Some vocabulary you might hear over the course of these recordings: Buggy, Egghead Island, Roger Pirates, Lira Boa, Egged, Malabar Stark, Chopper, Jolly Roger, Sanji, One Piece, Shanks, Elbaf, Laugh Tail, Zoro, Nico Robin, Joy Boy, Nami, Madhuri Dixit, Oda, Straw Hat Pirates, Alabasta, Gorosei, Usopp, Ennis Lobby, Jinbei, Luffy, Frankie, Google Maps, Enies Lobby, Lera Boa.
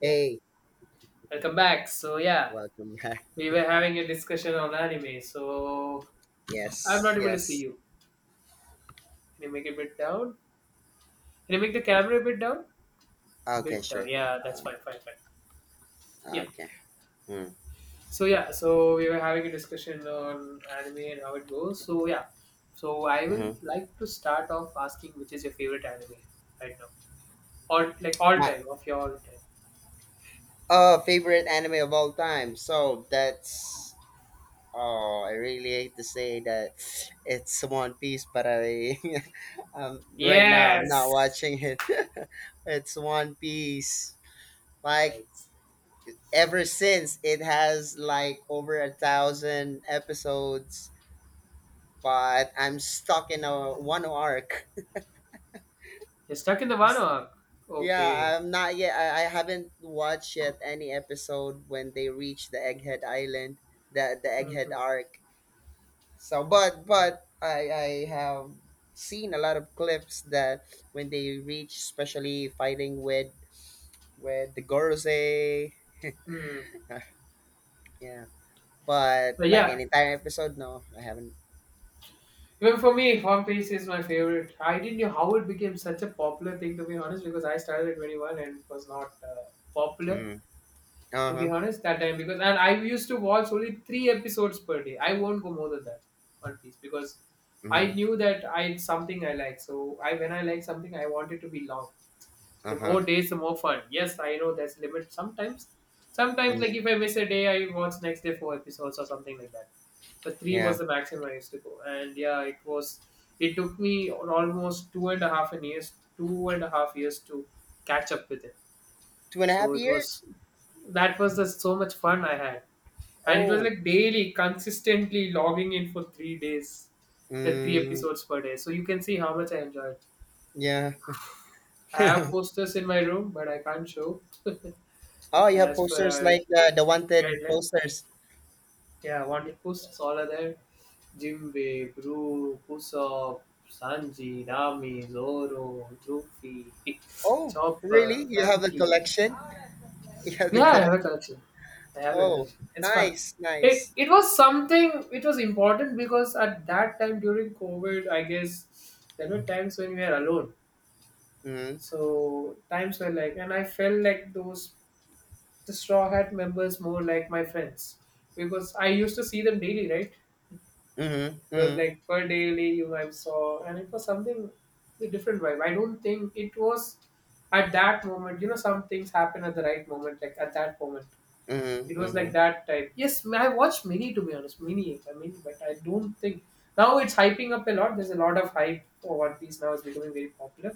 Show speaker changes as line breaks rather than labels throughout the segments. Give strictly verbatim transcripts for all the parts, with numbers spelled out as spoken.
Yeah,
Hey,
welcome back. So yeah,
welcome back.
we were having a discussion on anime. So I'm
Yes,
not able to see
yes.
you. Can you make it a bit down? Can you make the camera a bit down?
Okay,
Bit down.
sure.
Yeah, that's fine, fine, fine.
Uh,
Yeah.
okay.
So yeah, so we were having a discussion on anime and how it goes. So yeah, so I will
Mhm.
like to start off asking which is your favorite anime right now, all like all
My
time of your all time.
uh favorite anime of all time. So that's oh, I really hate to say that it's One Piece, but I um right now I'm not
Yes.
watching it. It's One Piece. Like
Yes.
ever since it has like over a thousand episodes, but I'm stuck in a one arc.
You're stuck in the one arc. Okay.
Yeah, I'm not yet. I, I haven't watched yet any episode when they reach the Egghead Island, the the Egghead
hmm
arc. So, but
Yeah.
but I I have seen a lot of clips that when they reach, especially fighting with with the Gorosei.
Hmm.
Yeah, but
But
like
yeah,
an entire episode, no, I haven't.
Well, for me, One Piece is my favorite. I didn't know how it became such a popular thing, to be honest, because I started at twenty-one and it was not uh, popular,
Mm-hmm. Uh
to be
huh.
honest, that time. Because and I used to watch only three episodes per day. I won't go more than that, One Piece, because I
Mm-hmm.
knew that I it's something I like. So I when I like something, I want it to be long. So
Uh
the
huh.
more days, the more fun. Yes, I know there's limit sometimes. Sometimes, like
Hmm.
if I miss a day, I watch next day four episodes or something like that. But three was
Yeah,
the maximum I used to go. And yeah, it was. It took me almost two and a half an years, two and a half years to catch up with it.
two and a
So
half
it
years.
was. That was the so much fun I had, and it was
Oh.
like daily, consistently logging in for three days, the three
Mm,
episodes per day. So you can see how much I enjoyed.
yeah.
I have posters in my room, but I can't show.
Oh, you have
As per
posters
our
like the, the wanted
guideline,
posters.
yeah, wanted posts all are there. Jinbei, Gru, Usopp, Sanji, Nami, Zoro, Luffy,
Oh, really?
Chopper,
You have the
Frankie.
collection? You have the
Yeah, I have a
collection.
collection. I have a
Oh,
collection. It's fun.
nice,
It,
nice.
it was something, it was important because at that time during COVID, I guess there were times when we were alone.
Mm-hmm.
So times were like, and I felt like those, the Straw Hat members more like my friends because I used to see them daily, right?
Mm-hmm.
It was
Mm-hmm.
like per daily you I saw, and it was something a different vibe. I don't think it was at that moment. You know, some things happen at the right moment, like at that moment. It
Mm-hmm.
was
Mm-hmm.
like that type. Yes, I have watched many to be honest, many, I mean, but I don't think now it's hyping up a lot. There's a lot of hype for One Piece now. It's becoming very popular.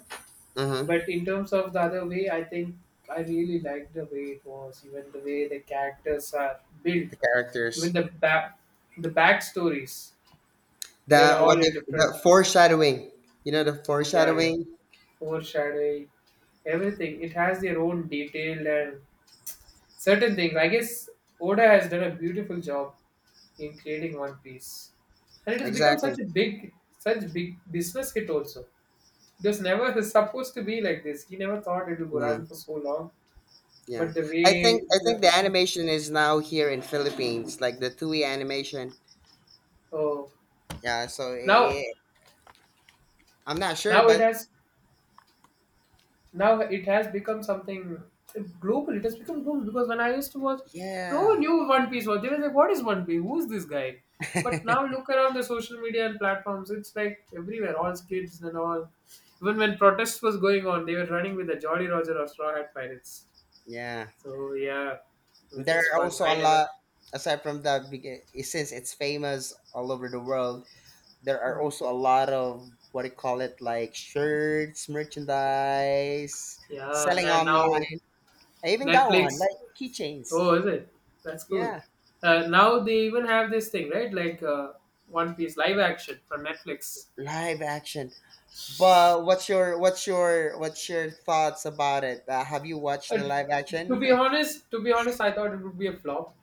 Mm-hmm.
But in terms of the other way, I think I really liked the way it was, even the way the characters are built,
The
even
characters.
the back, the backstories. They're
The
all
what they,
different.
the foreshadowing. You know the
Yeah, yeah.
foreshadowing?
Overshadowing, everything. It has their own detail and certain things. I guess Oda has done a beautiful job in creating One Piece. And it has become
Exactly.
such a big, such big business hit also. It was never supposed to be like this. He never thought it would go
Mm,
run for so long.
yeah.
But the
I
way,
think I think
the,
the animation is now here in Philippines, like the two E animation.
oh,
Yeah, so eh,
now,
eh, I'm not sure,
now it
but
has now it has become something global. It has become global because when I used to watch, no
yeah.
one knew One Piece was. They were like, "What is One Piece? Who is this guy?" But now look around the social media and platforms. It's like everywhere, all kids and all. Even when protests was going on, they were running with the Jolly Roger or Straw Hat Pirates.
Yeah.
So yeah, it
There
is
are
fun.
also
I
a
never.
lot, aside from that, beca- since it's famous all over the world, there are
Hmm.
also a lot of what do you call it, like shirts, merchandise,
Yeah,
selling
and now
online. I even got one,
Netflix.
like keychains.
Oh, is it? That's cool.
Yeah,
Uh, now they even have this thing, right? Like uh, One Piece live action from Netflix.
live action. But what's your what's your what's your thoughts about it? Uh, have you watched
Uh,
the live
to
action?
be honest, to be honest, I thought it would be a flop,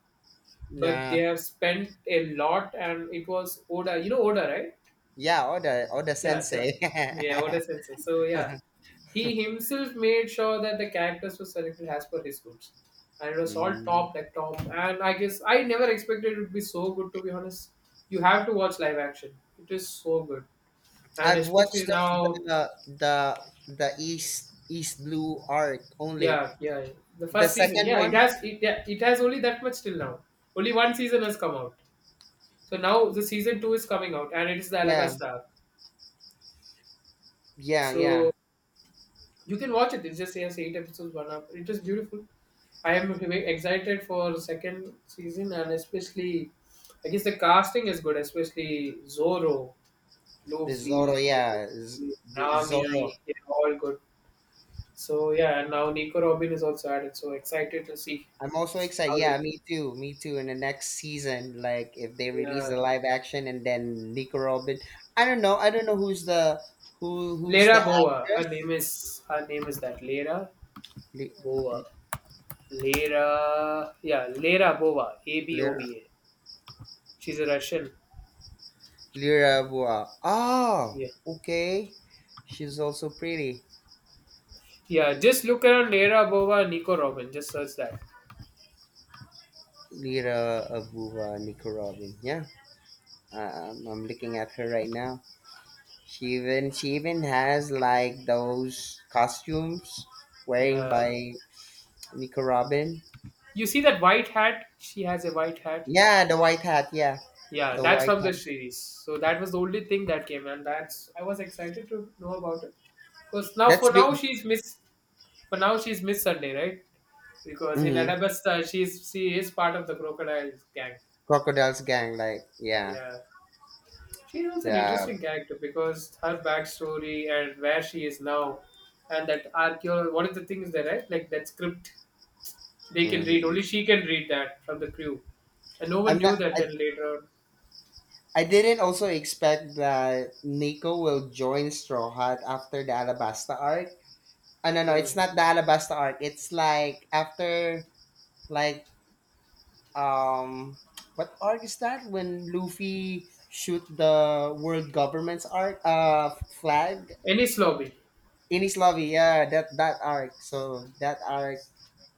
but they
Yeah,
have spent a lot, and it was Oda. You know Oda, right?
yeah, Oda Oda
Yeah, sure.
Sensei.
Yeah, what a sensei. So yeah, he himself made sure that the characters were selected as per his goods, and it was all
Mm.
top like top. And I guess I never expected it would be so good. To be honest, you have to watch live action. It is so good, and
I've
especially
watched the
now.
the the, the East East Blue arc only.
Yeah, yeah. The
The
first season.
second
Yeah, it
one,
has it, yeah, it has only that much till now. Only one season has come out. So now the season two is coming out, and it is the
yeah,
Alabasta arc.
yeah, yeah.
So you can watch it. It's just yes, eight episodes, one up. It is beautiful. I am very excited for second season and especially, I guess the casting is good, especially Zoro,
The Zoro,
Luffy,
yeah, Z- the Zoro.
Nami, they're all good. So yeah, and now Nico Robin is also added. So excited to see
I'm also excited.
how's
Yeah,
it.
me too, me too. In the next season, like if they release
Yeah.
the live action and then Nico Robin, I don't know. I don't know who's the who who's the
Lera Boa, her name
actress.
is her name is that Lera
Li-
Boa. Lera, yeah, Lera Boa, A B O
Li-
V A. She's a Russian.
Lira Boa. Oh,
Yeah.
okay. She's also pretty.
Yeah, just look around Lera Bova Nico Robin. Just search that.
Lira Abuba Nikorobin. Yeah, I- I'm, I'm looking at her right now. She even she even has like those costumes wearing by
Yeah.
Nikorobin.
You see that white hat? She has a white hat.
Yeah, the white hat. Yeah,
Yeah,
the
that's
white
from the
hat.
series. So that was the only thing that came and that's I was excited to know about it. Because now
That's
for
big.
now she's Miss for now she's Miss Sunday, right? Because in
Hmm.
Adabasta she's she is part of the crocodile gang.
Crocodile's gang. Like yeah,
Yeah. She's also an
the.
interesting character because her backstory and where she is now and that archaeology what is the thing is there, right? Like that script they can read.
Hmm.
Only she can read that from the crew, and no one
I'm not.
knew that
I,
till later on.
I didn't also expect that Nico will join Straw Hat after the Alabasta arc. Oh, no, no, it's
Mm.
not the Alabasta arc. It's like after like um what arc is that when Luffy shoot the world government's arc uh flag.
Ennis Lobby.
Enies Lobby, yeah, that that arc, so that arc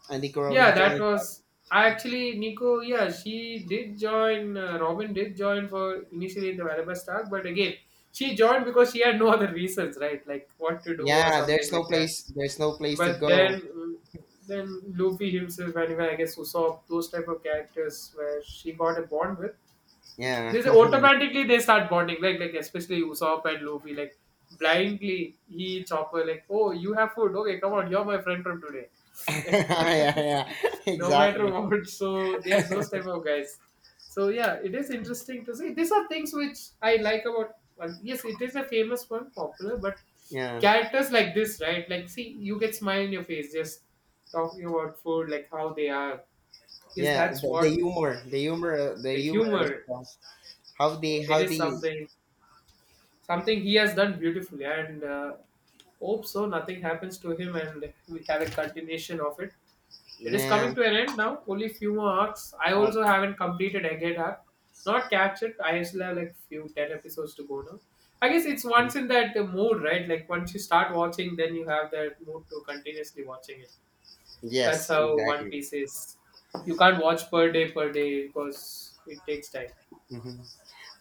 and Nico Robin
Yeah, that
joined.
was. I actually Nico. Yeah, she did join. Uh, Robin did join for initially in the Malabar Stark, but again, she joined because she had no other reasons, right? Like what to do or
Yeah,
something
there's no
like that.
place there's no place to
But
go.
then, mm, then Luffy himself, and even I guess Usopp, those type of characters where she got a bond with.
Yeah.
This automatically they start bonding, like like especially Usopp and Luffy, like blindly he Chopper like, oh you have food, okay come on you're my friend from today,
Yeah, yeah,
no matter
exactly.
what. So they are those type of guys. So yeah, it is interesting to see. These are things which I like about. One. Yes, it is a famous one, popular, but
Yeah,
characters like this, right? Like, see, you get smile in your face just talking about food, like how they are, because
yeah,
that's
the, the
what
humor the humor the
the
humor as
humor.
well. How they
It
how
is
they.
something something he has done beautifully and uh, hope so nothing happens to him and we have a continuation of it. It is coming
Yeah.
to an end now, only few more arcs. I
Oh,
also haven't completed again arc, not captured. I still have like few ten episodes to go now. I guess it's once in that uh, mood, right? Like once you start watching then you have that mood to continuously watching it. That's
yes,
how One
exactly.
Piece is. You can't watch per day per day because it takes time.
Mhm.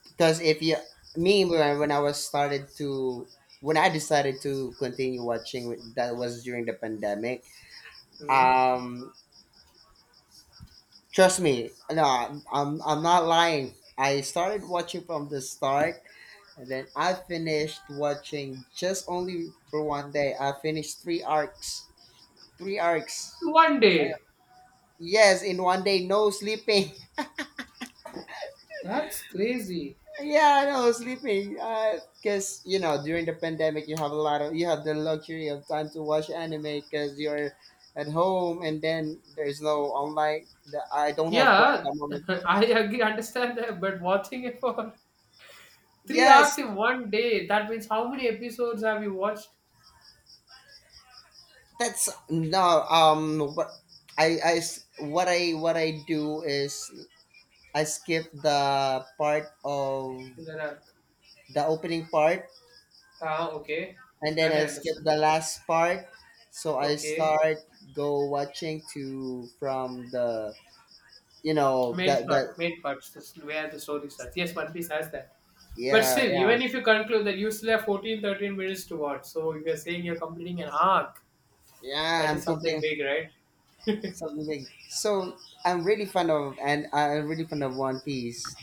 Because if you, me, when I when I was started to, when I decided to continue watching, with- that was during the pandemic.
Mhm.
Um, trust me, no, I'm, I'm I'm not lying. I started watching from the start, and then I finished watching just only for one day. I finished three arcs, three arcs.
One day,
Yes, in one day, no sleeping.
that's crazy.
Yeah, I know, sleeping. Uh, cause you know, during the pandemic, you have a lot of you have the luxury of time to watch anime because you're at home, and then there's no online. The, I don't have work at
Yeah,
the moment.
I agree, understand that, but watching it for three arcs
Yes,
in one day, that means how many episodes have you watched
that's no. Um, what I, I s- what I what I do is I skip the part of
in an arc?
the opening part,
Ah, okay.
and then
That I
I skip
understand.
the last part. So I
Okay.
start go watching to from the you know
Main
that that
plot, main parts, this is where the story starts. Yes, One Piece has that. But
yeah,
still,
yeah,
even if you conclude that you still have fourteen, thirteen minutes to watch, so if you're saying you're completing an arc,
yeah,
that
I'm
is something
complaining.
big, right?
Something big. So I'm really fond of, and I'm really fond of One Piece,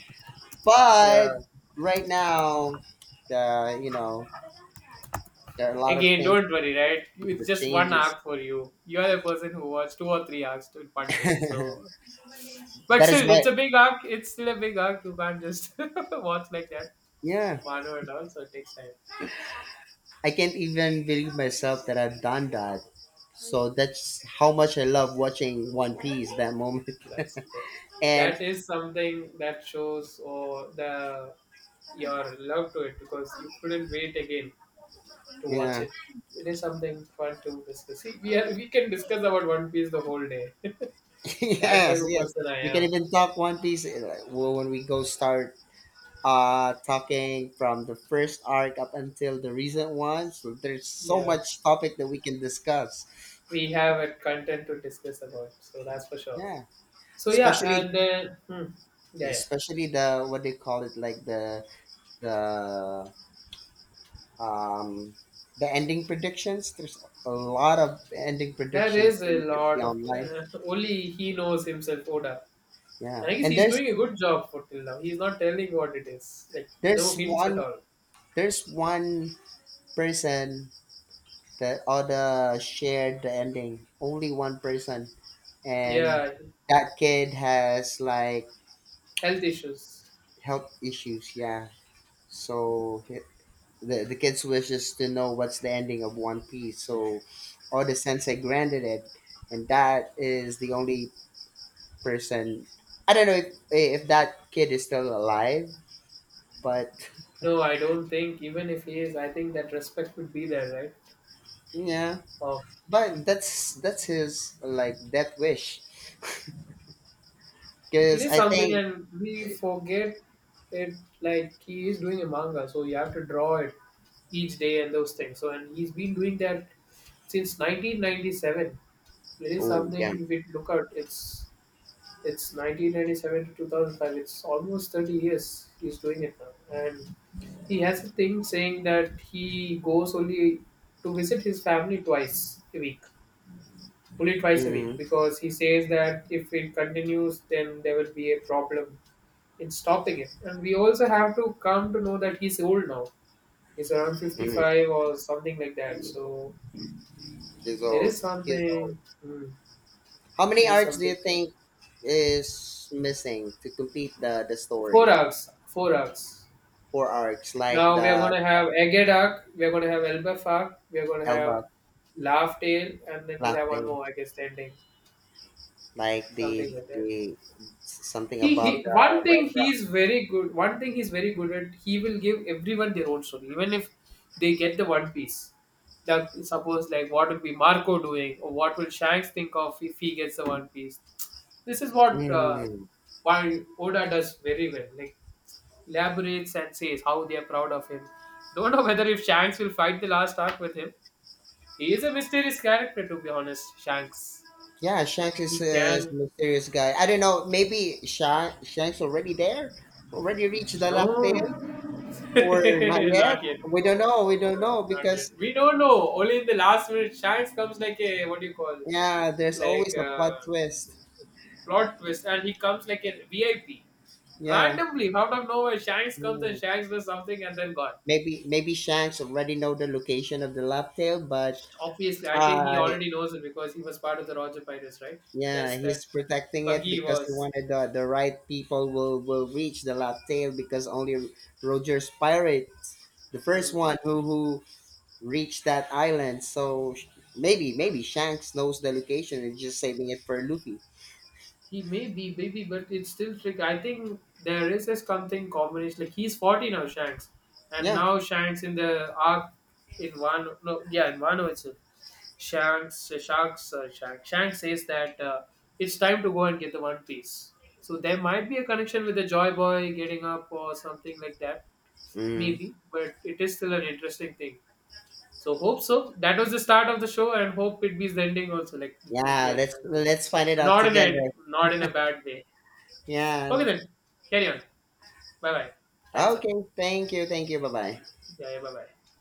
Yeah.
but right now, the, you know, there are a lot of
Again,
things
don't worry, right?
with
It's
the
just one
changes
arc for you. You are a person who watched two or three arcs in one day,
that
so. But
is
still,
why,
it's a big arc. It's still a big arc. You can't just watch like that,
yeah,
one and all. So it takes time.
I can't even believe myself that I've done that. So that's how much I love watching One Piece that moment.
That's the thing.
And
That is something that shows or the your love to it because you couldn't wait again to watch
yeah.
it. It is something fun to discuss. See, we are we can discuss about One Piece the whole day. That type
Yes,
of
yes,
person I
we can
am.
even talk One Piece, uh, like, well, when we go start uh talking from the first arc up until the recent ones, there's so
Yeah.
much topic that we can discuss.
We have a content to discuss about, so that's for sure.
Yeah,
So yeah
especially
and uh, hmm, yeah, yeah,
especially the what they call it, like the the um the ending predictions. There's a lot of ending
there
predictions
is
that
a
you can see
lot of
online.
uh, only he knows himself, Oda.
Yeah,
And I guess
and
he's
there's
doing a good job, for till now he's not telling what it is like, no
there's
hints at
one
all.
there's one person that other shared the ending, only one person, and
Yeah,
that kid has like
health issues.
health issues. Yeah. So he- the the kids wishes to know what's the ending of One Piece. So Oda Sensei granted it, and that is the only person. I don't know if, if that kid is still alive, but
No, I don't think even if he is, I think that respect would be there, right?
yeah.
Of.
But that's that's his like death wish,
It
because
is
I
something,
think.
and we forget it. Like he is doing a manga, so you have to draw it each day and those things. So, and he's been doing that since nineteen ninety-seven. It is
Oh
something.
yeah.
If we look at it's it's nineteen ninety-seven to two thousand five. It's almost thirty years he's doing it now, and he has a thing saying that he goes only to visit his family twice a week, only twice a week,
Mm,
because he says that if it continues then there will be a problem in stopping it. And we also have to come to know that he's old now. He's around
mm,
fifty-five or something like that. So
he's
there
old.
is
He's old.
something, hmm,
How
there
many
is
arcs do you
something.
think is missing to complete the the
Four
story?
arcs, four arcs.
Four arcs like
Now we are going
the
to have Egged arc, we are going to have Elbaf arc, we are going to have
Elba
Laugh Tail, and then we'll have one
latte,
more, I guess, ending,
like the
something like that.
the something
he he
above
one
the red
thing
rock.
he's very good one thing he's very good at. He will give everyone their own story, even if they get the One Piece. That suppose like what will be Marco doing, or what will Shanks think of if he gets the One Piece. This is what uh,
Mm.
why Oda does very well, like elaborates and says how they are proud of him. Don't know whether if Shanks will fight the last arc with him. He is a mysterious character, to be honest, Shanks.
Yeah, Shanks is
He
a
can,
mysterious guy. I don't know. Maybe Sha- Shanks already there, already reached the latte,
no.
or not yet.
Not yet.
We
No,
don't know. We don't
no,
know
not yet.
because
We don't know. Only in the last minute, Shanks comes like a what do you call,
yeah, there's
like
always a
a
plot twist.
plot twist, and he comes like a V I P.
Yeah.
Randomly, out of nowhere, Shanks comes and
Mm.
Shanks does something and then gone.
Maybe maybe Shanks already know the location of the love tail, but
Obviously, I think
uh
he already knows it because he was part of the Roger Pirates, right?
yeah,
There's that
he's protecting it
buggy
because he
was.
wanted the, the right people will, will reach the last tail because only Roger's pirates, the first
Hmm.
one who who reached that island. So sh- maybe maybe Shanks knows the location and just saving it for Luffy.
He may be, baby, but it's still trick. I think there is a something combination. Like he's forty now, Shanks, and
Yeah.
now Shanks in the arc in one. No, yeah, in one itself. Shanks, Shanks, uh, Shanks, Shanks says that uh, it's time to go and get the One Piece. So there might be a connection with the Joy Boy getting up or something like that,
Mm.
maybe. But it is still an interesting thing. So hope so. That was the start of the show, and hope it be the ending also, like with Luffy
Yeah.
and
Let's
Shanks again,
let's find it
but
out
not in a
together.
not in a bad way.
Yeah.
Okay then, carry on. Bye bye. Time's up.
Okay. Thank you. Thank you. Bye bye.
Yeah, yeah, bye bye.